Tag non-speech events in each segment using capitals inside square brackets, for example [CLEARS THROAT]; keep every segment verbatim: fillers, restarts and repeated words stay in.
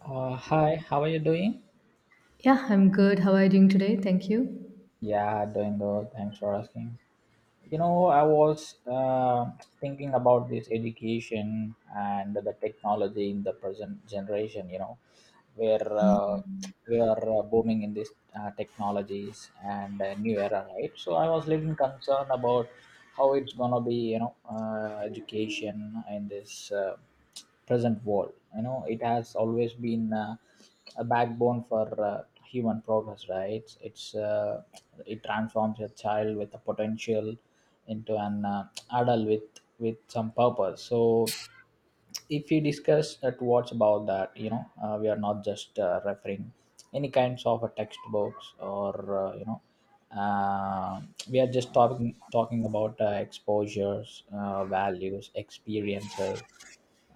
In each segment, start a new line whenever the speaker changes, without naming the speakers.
Uh, hi, how are you doing?
Yeah, I'm good. How are you doing today? Thank you.
Yeah, doing good. Thanks for asking. You know, I was uh, thinking about this education and the technology in the present generation. You know, where uh, we are uh, booming in these uh, technologies and uh, new era, right? So I was little concerned about how it's gonna be, you know, uh, education in this uh, present world. You know, it has always been uh, a backbone for uh, human progress, right? It's uh, it transforms a child with a potential into an uh, adult with with some purpose. So if we discuss at what's about that, you know uh, we are not just uh, referring any kinds of a textbooks or uh, you know uh, we are just talking talking about uh, exposures, uh, values, experiences,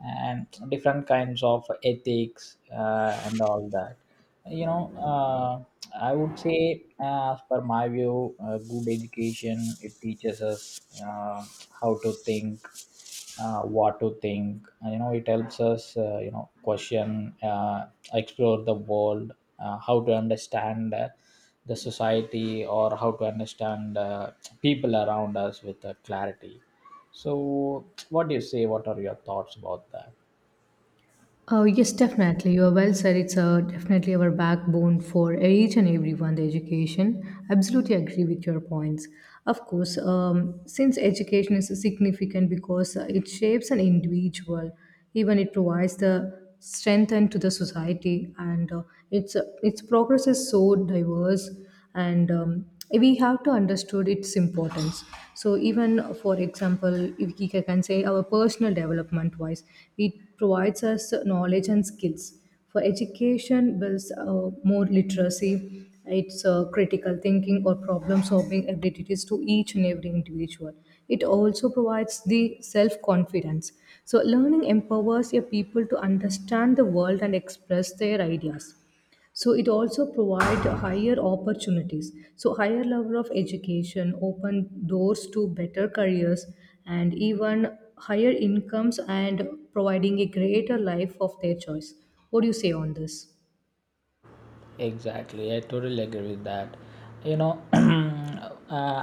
and different kinds of ethics, uh, and all that. You know uh, i would say, uh, as per my view, uh, good education, it teaches us uh, how to think, uh, what to think. Uh, you know it helps us uh, you know question, uh, explore the world, uh, how to understand uh, the society, or how to understand uh, people around us with uh, clarity. So what do you say? What are your thoughts about that?
Oh, yes, definitely. You are well said. It's uh, definitely our backbone for each and everyone, the education. Absolutely agree with your points. Of course, um, since education is significant because uh, it shapes an individual, even it provides the strength and to the society, and uh, its, uh, its progress is so diverse and um, we have to understood its importance. So even, for example, if we ca- can say, our personal development wise, it provides us knowledge and skills. For education builds uh, more literacy, its uh, critical thinking or problem solving abilities to each and every individual. It also provides the self confidence. So learning empowers your people to understand the world and express their ideas. So it also provide higher opportunities. So higher level of education open doors to better careers and even higher incomes and providing a greater life of their choice. What do you say on this?
Exactly, I totally agree with that. You know, [CLEARS THROAT] uh,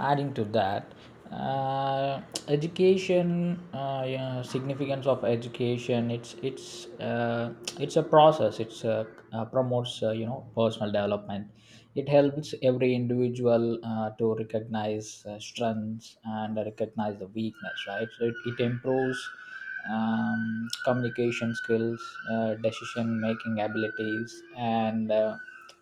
adding to that, uh, education, uh, you know, significance of education. It's it's uh, it's a process. It's uh, uh, promotes, uh, you know personal development. It helps every individual uh, to recognize uh, strengths and recognize the weakness. Right, so it, it improves um, communication skills, uh, decision making abilities, and uh,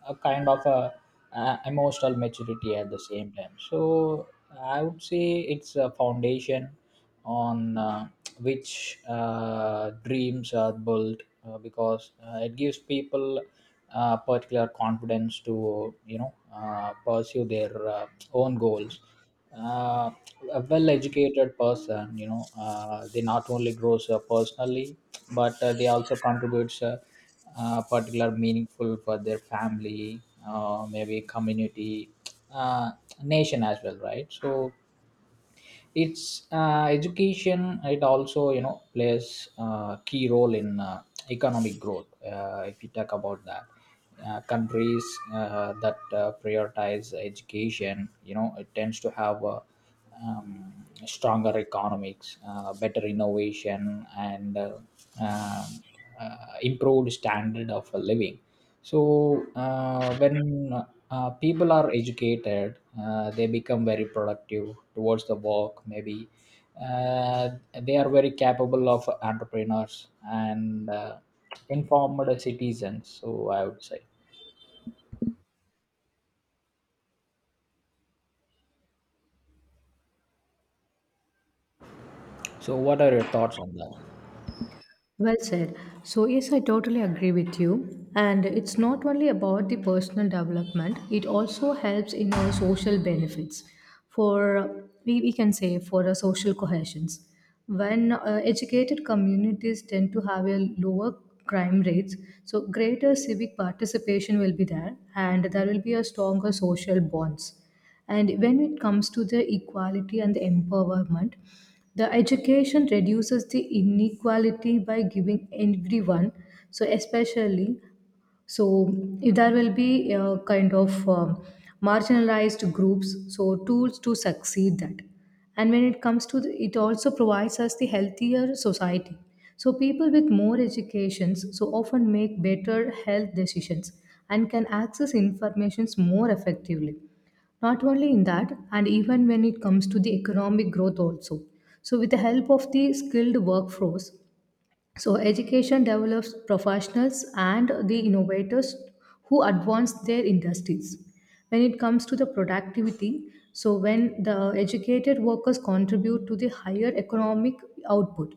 a kind of a, uh emotional maturity at the same time. So I would say it's a foundation on uh, which uh, dreams are built, uh, because uh, it gives people uh, particular confidence to you know uh, pursue their uh, own goals. Uh, a well-educated person, you know uh, they not only grows uh, personally, but uh, they also contributes uh, uh, particular meaningful for their family, uh, maybe community, uh, nation as well, right? So it's uh, education, it also, you know plays a key role in uh, economic growth, uh, if you talk about that. Uh, countries uh, that uh, prioritize education, you know it tends to have a um, stronger economics, uh, better innovation, and uh, um, uh, improved standard of living. So uh, when uh, people are educated, uh, they become very productive towards the work. Maybe uh, they are very capable of entrepreneurs and uh, informed citizens. So I would say. So what are your thoughts on that?
Well said. So, yes, I totally agree with you. And it's not only about the personal development, it also helps in our social benefits. For we, we can say for our social cohesions. When uh, educated communities tend to have a lower crime rates, so greater civic participation will be there, and there will be a stronger social bonds. And when it comes to the equality and the empowerment, the education reduces the inequality by giving everyone, so especially, so there will be a kind of um, marginalized groups, so tools to succeed that. And when it comes to the, it also provides us the healthier society. So people with more educations so often make better health decisions and can access informations more effectively. Not only in that, and even when it comes to the economic growth also, so with the help of the skilled workforce, so education develops professionals and the innovators who advance their industries. When it comes to the productivity, so when the educated workers contribute to the higher economic output,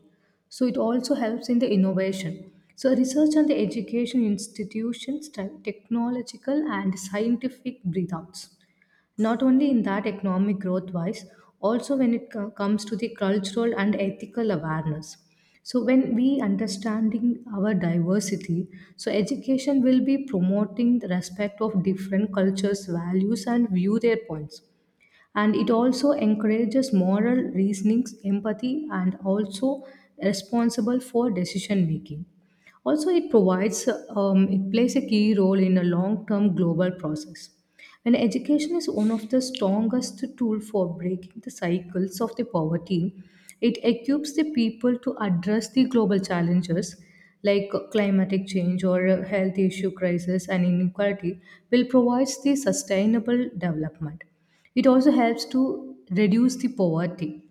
so it also helps in the innovation. So, research on the education institutions, te- technological and scientific breathouts. Not only in that economic growth wise, also when it co- comes to the cultural and ethical awareness, so when we understanding our diversity, so education will be promoting the respect of different cultures, values, and view their points. And it also encourages moral reasonings, empathy, and also responsible for decision making. Also, it provides, um, it plays a key role in a long-term global process. And education is one of the strongest tool for breaking the cycles of the poverty. It equips the people to address the global challenges like climatic change or a health issue crisis and inequality, will provide the sustainable development. It also helps to reduce the poverty.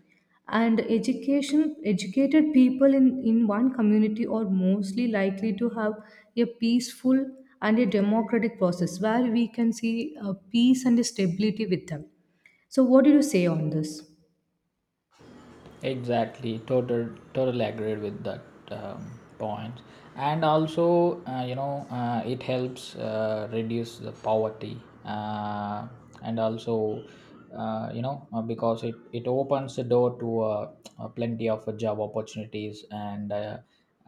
And education, educated people in, in one community are mostly likely to have a peaceful and a democratic process where we can see uh, peace and stability with them. So what do you say on this?
Exactly, total, totally agreed with that um, point. And also, uh, you know, uh, it helps uh, reduce the poverty, uh, and also, uh, you know, uh, because it it opens the door to uh, uh, plenty of uh, job opportunities, and uh,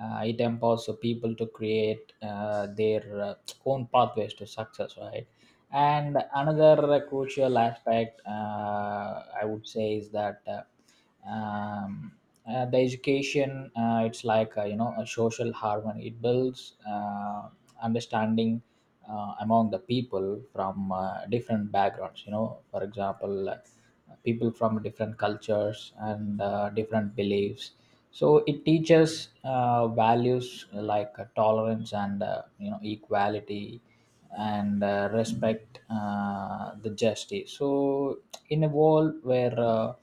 uh, it empowers the people to create uh, their uh, own pathways to success, right? And another uh, crucial aspect, uh, I would say, is that. Uh, um, uh, the education, uh, it's like, uh, you know a social harmony, it builds uh, understanding uh, among the people from uh, different backgrounds. You know for example, uh, people from different cultures and uh, different beliefs. So it teaches uh, values like uh, tolerance and, uh, you know equality, and uh, respect, uh, the justice. So, in a world where uh,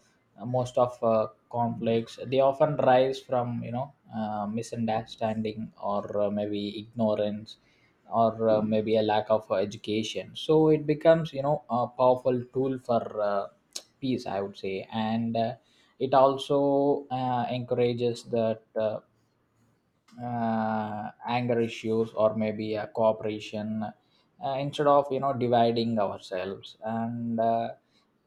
most of uh, conflicts, they often rise from you know uh, misunderstanding, or uh, maybe ignorance, or uh, maybe a lack of uh, education. So it becomes, you know a powerful tool for uh, peace, I would say, and uh, it also uh, encourages that. Uh, uh, anger issues, or maybe a cooperation uh, instead of, you know dividing ourselves. And uh,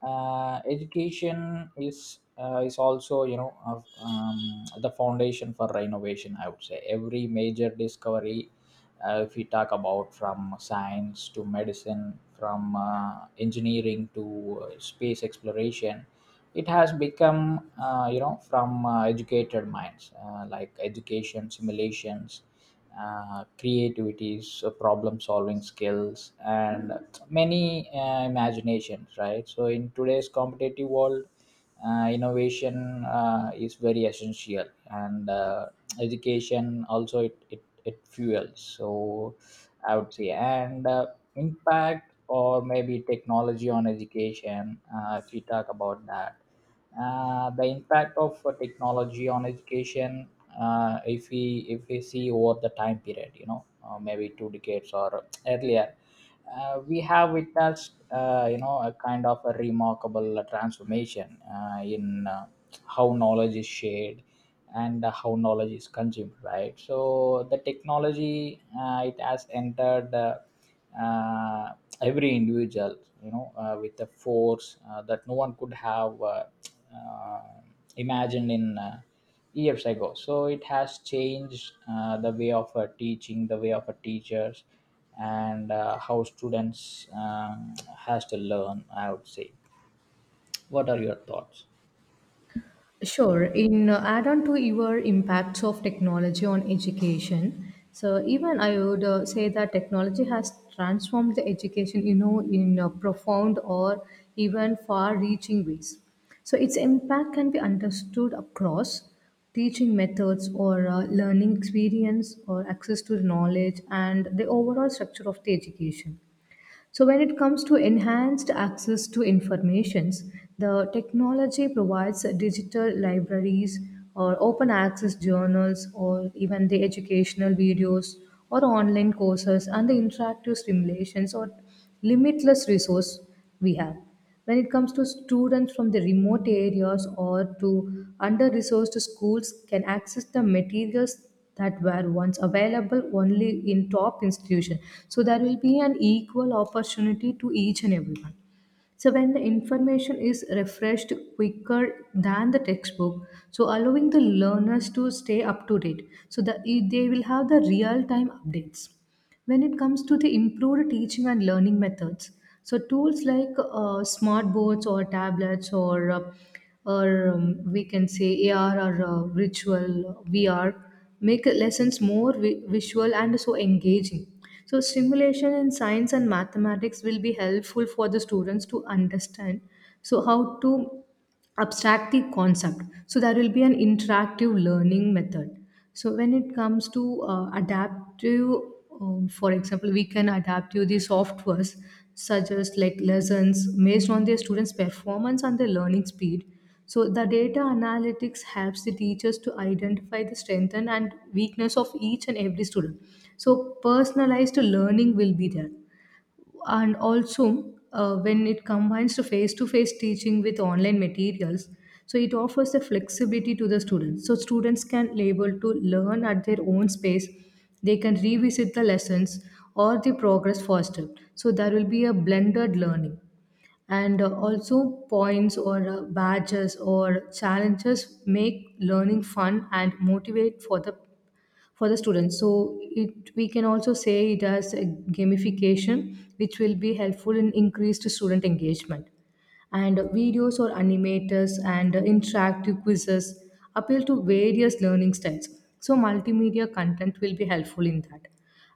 uh, Education is uh, is also, you know of um, the foundation for innovation. I would say every major discovery, uh, if we talk about, from science to medicine, from uh, engineering to uh, space exploration, it has become, uh, you know from uh, educated minds, uh, like education simulations, uh, creativities, uh, problem solving skills, and many uh, imaginations, right? So in today's competitive world, uh, innovation uh, is very essential, and uh, education also, it, it it fuels. So I would say. And uh, impact, or maybe technology on education, uh, if we talk about that, uh, the impact of uh, technology on education, uh, if we if we see over the time period, you know uh, maybe two decades or earlier, uh, we have witnessed, uh, you know a kind of a remarkable uh, transformation uh, in uh, how knowledge is shared, and uh, how knowledge is consumed, right? So the technology, uh, it has entered uh, uh, every individual, you know uh, with a force uh, that no one could have uh, uh, imagined in uh, years ago. So it has changed uh, the way of uh, teaching, the way of uh, teachers, and uh, how students um, has to learn. I would say. What are your thoughts?
Sure. In uh, add on to your impacts of technology on education, so even I would uh, say that technology has transformed the education, you know, in uh, profound or even far-reaching ways. So its impact can be understood across teaching methods or uh, learning experience or access to knowledge and the overall structure of the education. So when it comes to enhanced access to informations, the technology provides digital libraries or open access journals or even the educational videos or online courses and the interactive simulations or limitless resource we have. When it comes to students from the remote areas or to under-resourced schools can access the materials that were once available only in top institutions. So there will be an equal opportunity to each and everyone. So when the information is refreshed quicker than the textbook, so allowing the learners to stay up to date, so that they will have the real-time updates. When it comes to the improved teaching and learning methods, so tools like uh, smart boards or tablets or uh, or um, we can say A R or uh, virtual V R, make lessons more vi- visual and so engaging. So stimulation in science and mathematics will be helpful for the students to understand so how to abstract the concept, so there will be an interactive learning method. So when it comes to uh, adaptive, um, for example, we can adapt to the softwares, such as like lessons based on their students performance and their learning speed. So the data analytics helps the teachers to identify the strength and and weakness of each and every student, so personalized learning will be there. And also, uh, when it combines to face-to-face teaching with online materials, so it offers the flexibility to the students, so students can be able to learn at their own space, they can revisit the lessons or the progress faster, so there will be a blended learning. And uh, also, points or uh, badges or challenges make learning fun and motivate for the for the students, so it, we can also say it as a gamification, which will be helpful in increased student engagement. And videos or animators and interactive quizzes appeal to various learning styles. So, multimedia content will be helpful in that.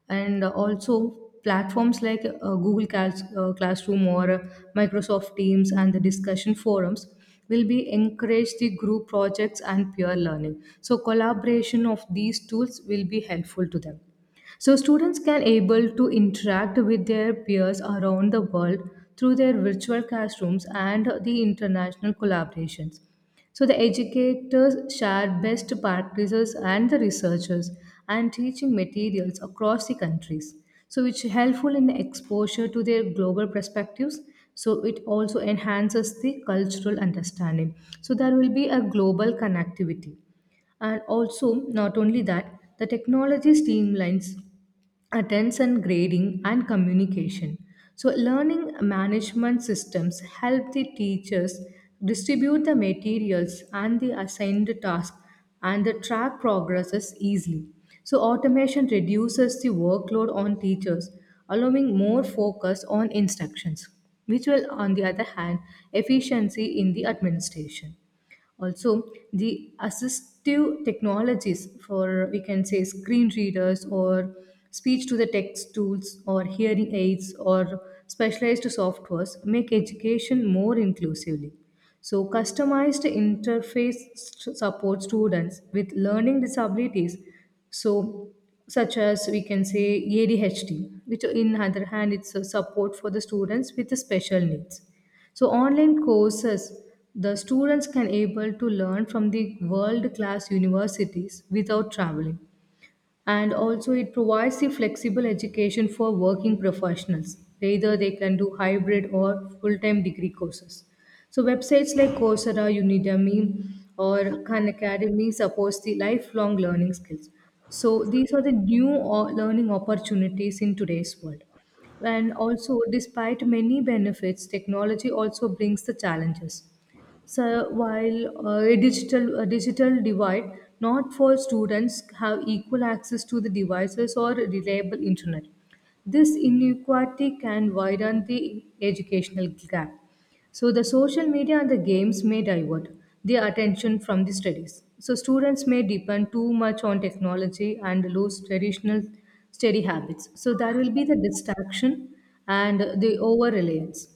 And also platforms like uh, Google Class, uh, Classroom, or Microsoft Teams and the discussion forums will be encourage the group projects and peer learning, so collaboration of these tools will be helpful to them. So students can able to interact with their peers around the world through their virtual classrooms and the international collaborations. So the educators share best practices and the researchers and teaching materials across the countries. So which helpful in the exposure to their global perspectives. So it also enhances the cultural understanding. So there will be a global connectivity. And also, not only that, the technology streamlines attention grading and communication. So learning management systems help the teachers distribute the materials and the assigned tasks and the track progresses easily. So automation reduces the workload on teachers, allowing more focus on instructions, which will, on the other hand, efficiency in the administration. Also, the assistive technologies, for we can say screen readers or speech to the text tools or hearing aids or specialized softwares make education more inclusively. So, customized interface st- support students with learning disabilities, so such as we can say A D H D, which in other hand it's a support for the students with the special needs. So online courses, the students can able to learn from the world class universities without traveling. And also it provides the flexible education for working professionals, either they can do hybrid or full-time degree courses. So websites like Coursera, Udemy, or Khan Academy supports the lifelong learning skills. So these are the new o- learning opportunities in today's world. And also, despite many benefits, technology also brings the challenges. So while uh, a digital a digital divide, not for students have equal access to the devices or reliable internet. This inequality can widen the educational gap. So the social media and the games may divert their attention from the studies. So students may depend too much on technology and lose traditional study habits. So there will be the distraction and the over reliance.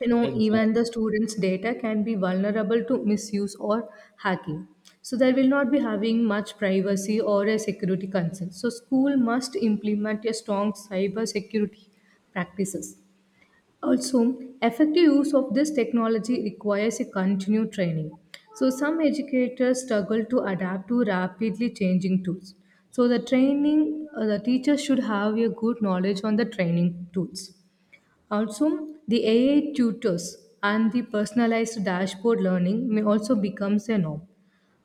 You know,
Exactly.
even the students data can be vulnerable to misuse or hacking. So there will not be having much privacy or a security concern, so school must implement a strong cyber security practices. Also, effective use of this technology requires a continued training. So some educators struggle to adapt to rapidly changing tools. So the training, uh, the teacher should have a good knowledge on the training tools. Also, the A I tutors and the personalized dashboard learning may also becomes a norm.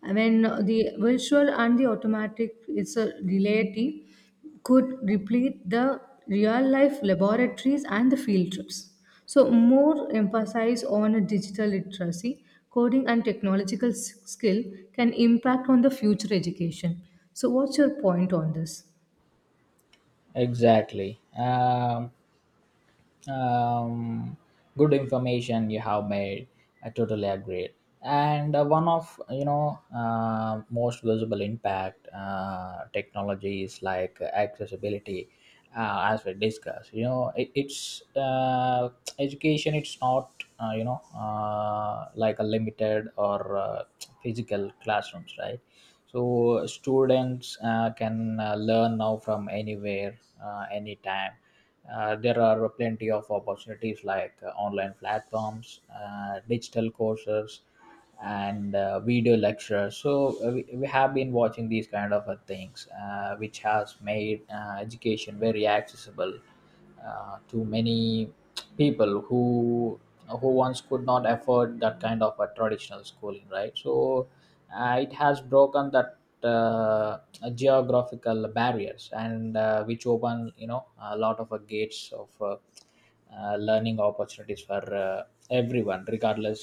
When the virtual and the automatic is a reality, could replete the real life laboratories and the field trips. So, more emphasis on a digital literacy, coding, and technological s- skill can impact on the future education. So, what's your point on this?
Exactly. Um, um, Good information you have made. I totally agree. And uh, one of, you know uh, most visible impact uh, technologies like accessibility, uh, as we discussed, you know it, it's uh, education, it's not uh, you know uh, like a limited or uh, physical classrooms, right? So students uh, can uh, learn now from anywhere, uh, anytime. Uh, there are plenty of opportunities like uh, online platforms, uh, digital courses, and uh, video lectures. So uh, we, we have been watching these kind of uh, things, uh, which has made uh, education very accessible uh, to many people who who once could not afford that kind of a traditional schooling, right? So uh, it has broken that uh, geographical barriers, and uh, which open, you know a lot of uh, gates of uh, uh, learning opportunities for uh, everyone regardless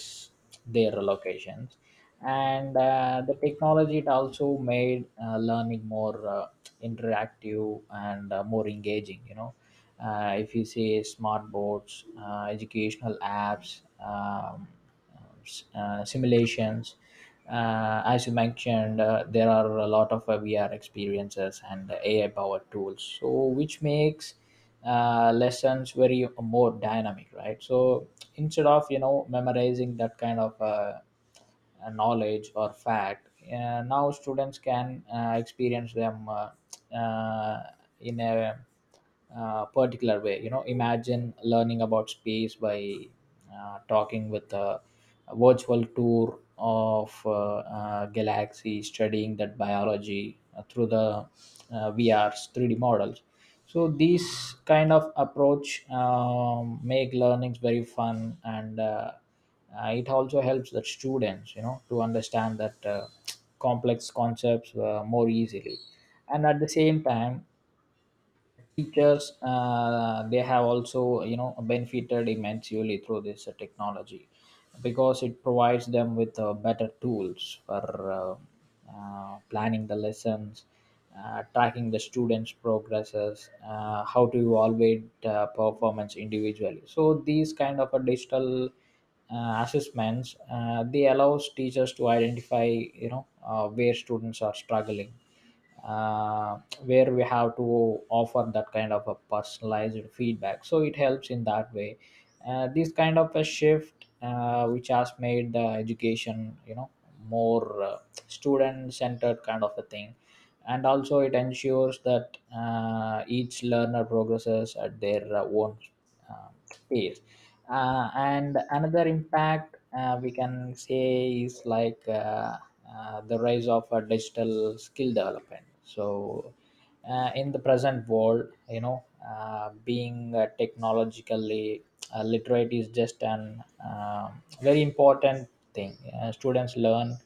their locations. And uh, the technology, it also made uh, learning more uh, interactive and uh, more engaging. You know uh, if you see smart boards, uh, educational apps, um, uh, simulations. Uh, as you mentioned, uh, there are a lot of uh, V R experiences and A I powered tools, so which makes uh, lessons very more dynamic, right? So instead of, you know memorizing that kind of uh, uh, knowledge or fact. Uh, now students can uh, experience them uh, uh, in a uh, particular way. You know, imagine learning about space by uh, talking with a a virtual tour of uh, uh, galaxy, studying that biology uh, through the uh, V R's three D models. So these kind of approach um, make learnings very fun and. Uh, uh, it also helps the students, you know to understand that uh, complex concepts uh, more easily. And at the same time, teachers uh, they have also, you know benefited immensely through this uh, technology, because it provides them with uh, better tools for uh, uh, planning the lessons, uh, tracking the students progresses, uh, how to evaluate uh, performance individually. So these kind of a digital uh, assessments, uh, they allows teachers to identify, you know uh, where students are struggling, uh, where we have to offer that kind of a personalized feedback, so it helps in that way. Uh, this kind of a shift, uh, which has made the education, you know more uh, student centered kind of a thing, and also it ensures that uh, each learner progresses at their uh, own uh, pace. Uh, and another impact, uh, we can say, is like uh, uh, the rise of uh, digital skill development. So uh, in the present world, you know uh, being uh, technologically uh, literate is just an uh, very important thing. Uh, students learn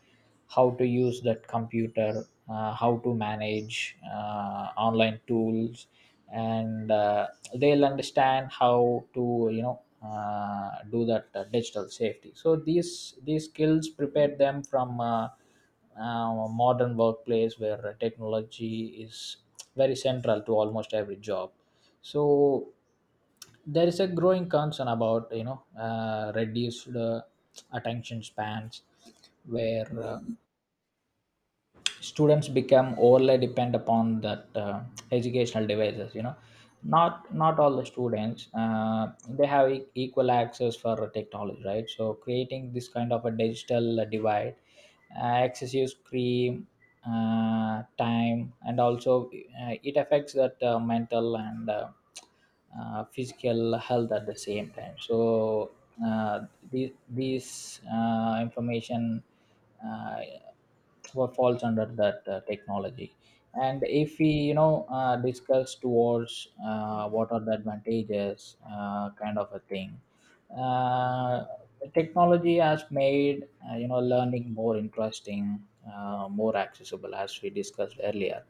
how to use that computer, uh, how to manage uh, online tools, and uh, they'll understand how to, you know uh, do that uh, digital safety. So these these skills prepare them from uh, uh, modern workplace where technology is very central to almost every job. So there is a growing concern about, you know uh, reduced uh, attention spans, where uh, students become overly depend upon that uh, educational devices. you know not not all the students uh, they have e- equal access for technology, right? So creating this kind of a digital divide, uh, excessive screen uh, time, and also uh, it affects that uh, mental and uh, uh, physical health at the same time. So uh, the, these uh, information, uh, what falls under that uh, technology. And if we, you know uh, discuss towards uh, what are the advantages uh, kind of a thing. uh, Technology has made, uh, you know learning more interesting, uh, more accessible, as we discussed earlier.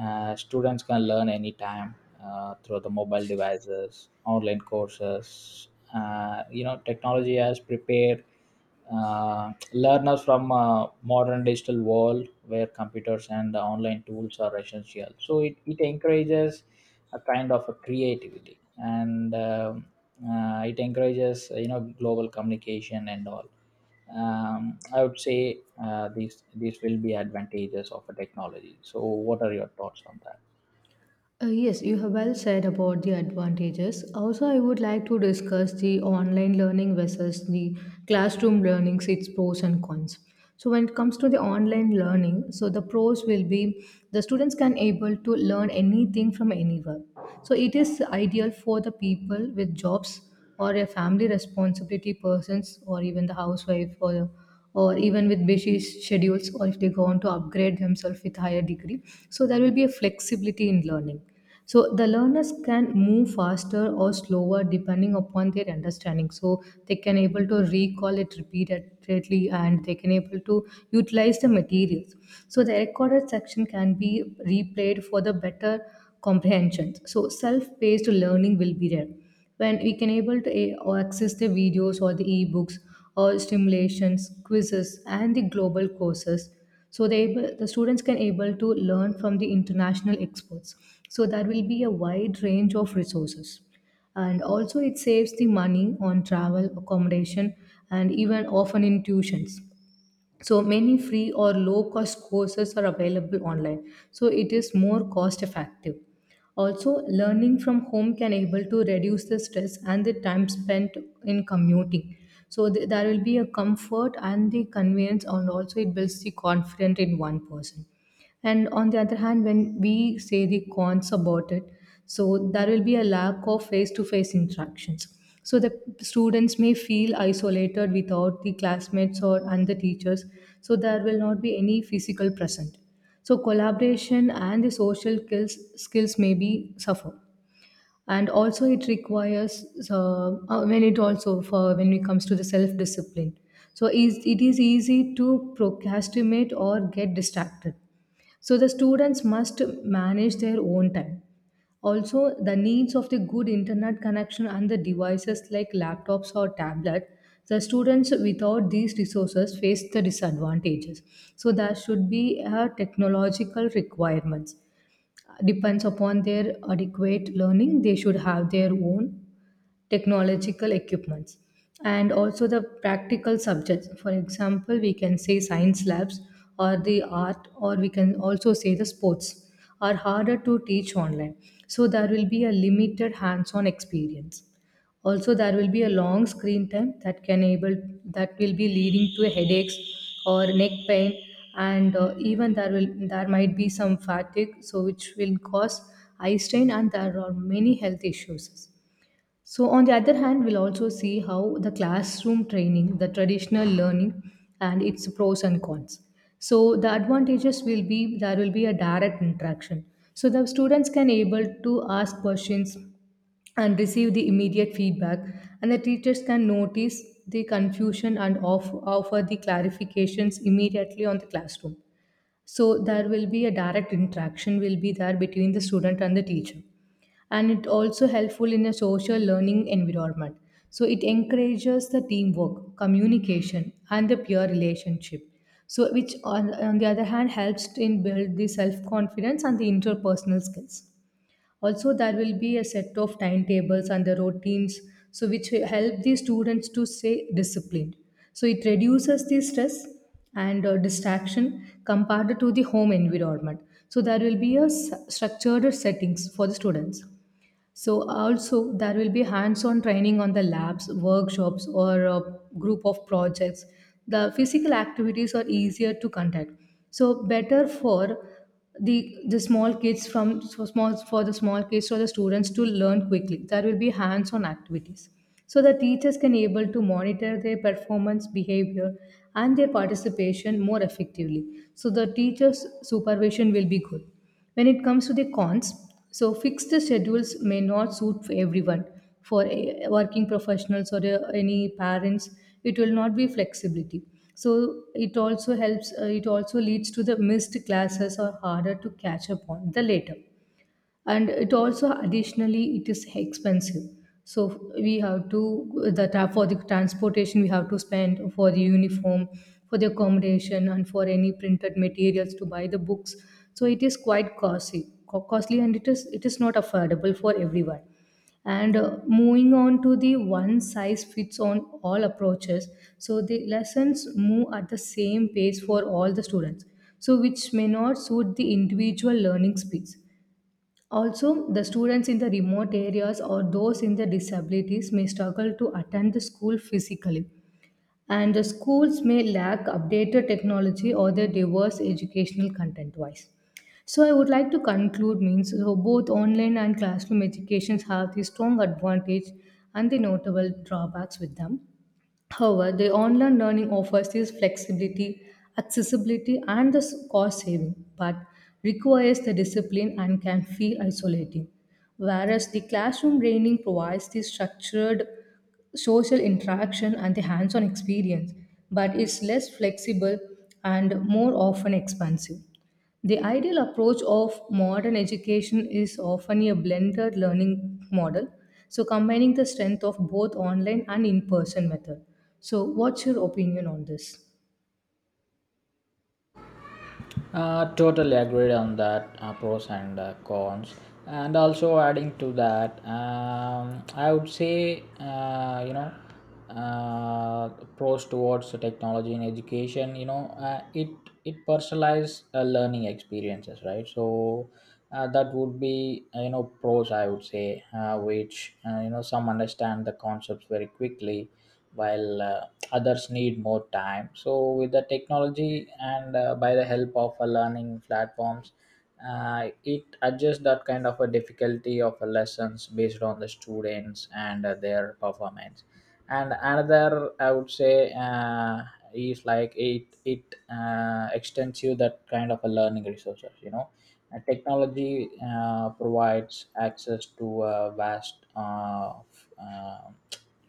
uh, Students can learn anytime uh, through the mobile devices, online courses. Uh, you know technology has prepared uh, learners from uh, modern digital world where computers and the online tools are essential. So it, it encourages a kind of a creativity, and um, uh, it encourages, uh, you know global communication and all. Um, I would say uh, these these will be advantages of a technology. So what are your thoughts on that?
Uh, yes, you have well said about the advantages. Also, I would like to discuss the online learning versus the classroom learning, its pros and cons. So, when it comes to the online learning, so the pros will be the students can able to learn anything from anywhere. So, it is ideal for the people with jobs or a family responsibility persons or even the housewife or or even with busy schedules, or if they go on to upgrade themselves with higher degree, so there will be a flexibility in learning. So the learners can move faster or slower depending upon their understanding, so they can able to recall it repeatedly and they can able to utilize the materials. So the recorded section can be replayed for the better comprehension, so self-paced learning will be there when we can able to eh, or access the videos or the ebooks or stimulations, quizzes, and the global courses. So they able, the students can able to learn from the international experts. So that will be a wide range of resources, and also it saves the money on travel accommodation and even often in tuitions. So many free or low cost courses are available online, so it is more cost effective. Also, learning from home can able to reduce the stress and the time spent in commuting. So th- there will be a comfort and the convenience, and also it builds the confidence in one person. And on the other hand, when we say the cons about it, so there will be a lack of face to face interactions. So the students may feel isolated without the classmates or and the teachers. So there will not be any physical present. So collaboration and the social skills skills may be suffer. And also it requires uh, uh, when it also for when it comes to the self discipline. So is it is easy to procrastinate or get distracted, so the students must manage their own time. Also, the needs of the good internet connection and the devices like laptops or tablet, the students without these resources face the disadvantages. So there should be a technological requirements, depends upon their adequate learning they should have their own technological equipments. And also the practical subjects, for example we can say science labs or the art, or we can also say the sports, are harder to teach online, so there will be a limited hands on experience. Also, there will be a long screen time that can able, that will be leading to headaches or neck pain, and uh, even there will there might be some fatigue, so which will cause eye strain, and there are many health issues. So, on the other hand, we'll also see how the classroom training, the traditional learning, and its pros and cons. So, the advantages will be there will be a direct interaction. So, the students can able to ask questions, and receive the immediate feedback, and the teachers can notice the confusion and off- offer the clarifications immediately on the classroom. So there will be a direct interaction will be there between the student and the teacher, and it also helpful in a social learning environment. So it encourages the teamwork communication and the peer relationship, so which on, on the other hand helps to in build the self confidence and the interpersonal skills. Also, there will be a set of timetables and the routines, so which will help the students to stay disciplined. So it reduces the stress and uh, distraction compared to the home environment. So there will be a s- structured settings for the students. So also there will be hands-on training on the labs, workshops, or a group of projects. The physical activities are easier to conduct. So better for the the small kids, from so small, for the small kids or the students to learn quickly. There will be hands-on activities. So the teachers can able to monitor their performance, behavior, and their participation more effectively. So the teachers' supervision will be good. When it comes to the cons, so fixed schedules may not suit for everyone. For a- working professionals or uh, any parents, it will not be flexibility. So it also helps. Uh, it also leads to the missed classes or harder to catch up on the later. And it also, additionally, it is expensive, so we have to, that tra- for the transportation we have to spend, for the uniform, for the accommodation, and for any printed materials to buy the books. So it is quite costly, co- costly, and it is, it is not affordable for everyone. And uh, moving on to the one size fits on all approaches, so the lessons move at the same pace for all the students, so which may not suit the individual learning speeds. Also, the students in the remote areas or those in the disabilities may struggle to attend the school physically, and the schools may lack updated technology or the diverse educational content wise. So I would like to conclude means, so both online and classroom educations have the strong advantage and the notable drawbacks with them. However, the online learning offers this flexibility, accessibility, and the s- cost saving, but requires the discipline and can feel isolating. Whereas the classroom training provides the structured social interaction and the hands on experience, but it's less flexible and more often expensive. The ideal approach of modern education is often a blended learning model, so combining the strength of both online and in person method. So, what's your opinion on this?
Uh, totally agreed on that uh, pros and uh, cons, and also adding to that, um, I would say, uh, you know uh, pros towards the technology in education. You know, uh, it it personalized uh, learning experiences, right? So uh, that would be, uh, you know pros. I would say, uh, which uh, you know some understand the concepts very quickly, while uh, others need more time. So with the technology, and uh, by the help of a learning platforms, uh, it adjusts that kind of a difficulty of a lessons based on the students and uh, their performance. And another, i would say uh, is like it it uh, extends you that kind of a learning resources, you know and technology uh, provides access to a vast uh, f- uh,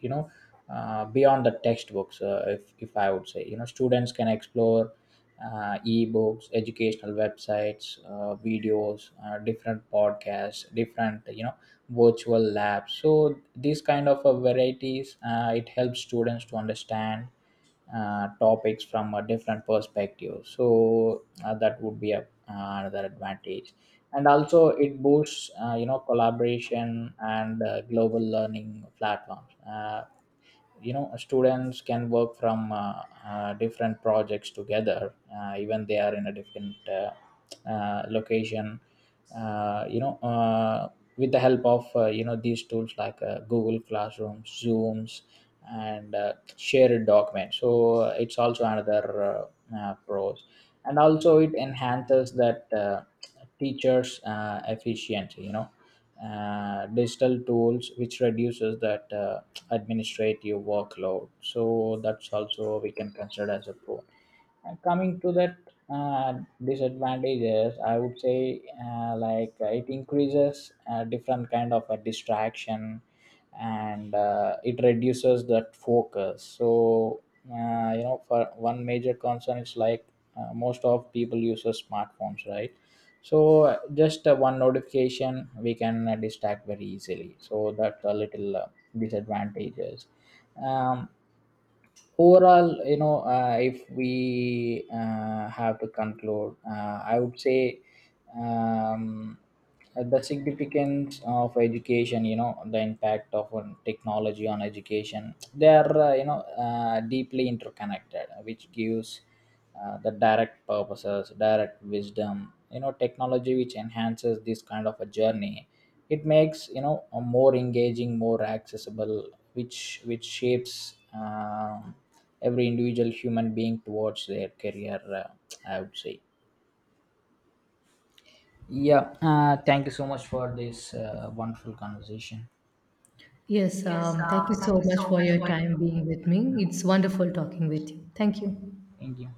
you know uh, beyond the textbooks. Uh, if, if I would say, you know, students can explore uh, e-books, educational websites, uh, videos, uh, different podcasts, different, you know virtual labs. So these kind of uh, varieties, uh, it helps students to understand uh, topics from a different perspective. So uh, that would be a, uh, another advantage. And also it boosts, uh, you know collaboration and uh, global learning platforms. Uh, you know students can work from uh, uh, different projects together, uh, even they are in a different uh, uh, location. uh, you know uh, with the help of, uh, you know these tools like uh, google classroom, zooms, and uh, shared documents. So uh, it's also another uh, uh, pros. And also it enhances that uh, teachers uh, efficiency. You know uh, digital tools which reduces that uh, administrative workload, so that's also we can consider as a pro. Uh, coming to that uh, disadvantages, I would say, uh, like uh, it increases uh, different kind of a distraction, and uh, it reduces that focus. So, uh, you know for one major concern is like, uh, most of people use a smartphones, right? So uh, just uh, one notification we can uh, distract very easily, so that's a little uh, disadvantages. um, Overall, you know uh, if we uh, have to conclude, uh, I would say, um, uh, the significance of education, you know the impact of on technology on education, they are, uh, you know uh, deeply interconnected, which gives uh, the direct purposes, direct wisdom. You know, technology which enhances this kind of a journey. It makes, you know a more engaging, more accessible, which which shapes um every individual human being towards their career. uh, I would say. Yeah, uh, thank you so much for this uh, wonderful conversation.
Yes,
Yes,
um, thank you
uh, thank
so
you
much
so
for
much
your
for your.
time being with me. It's wonderful talking with you. Thank you.
Thank you.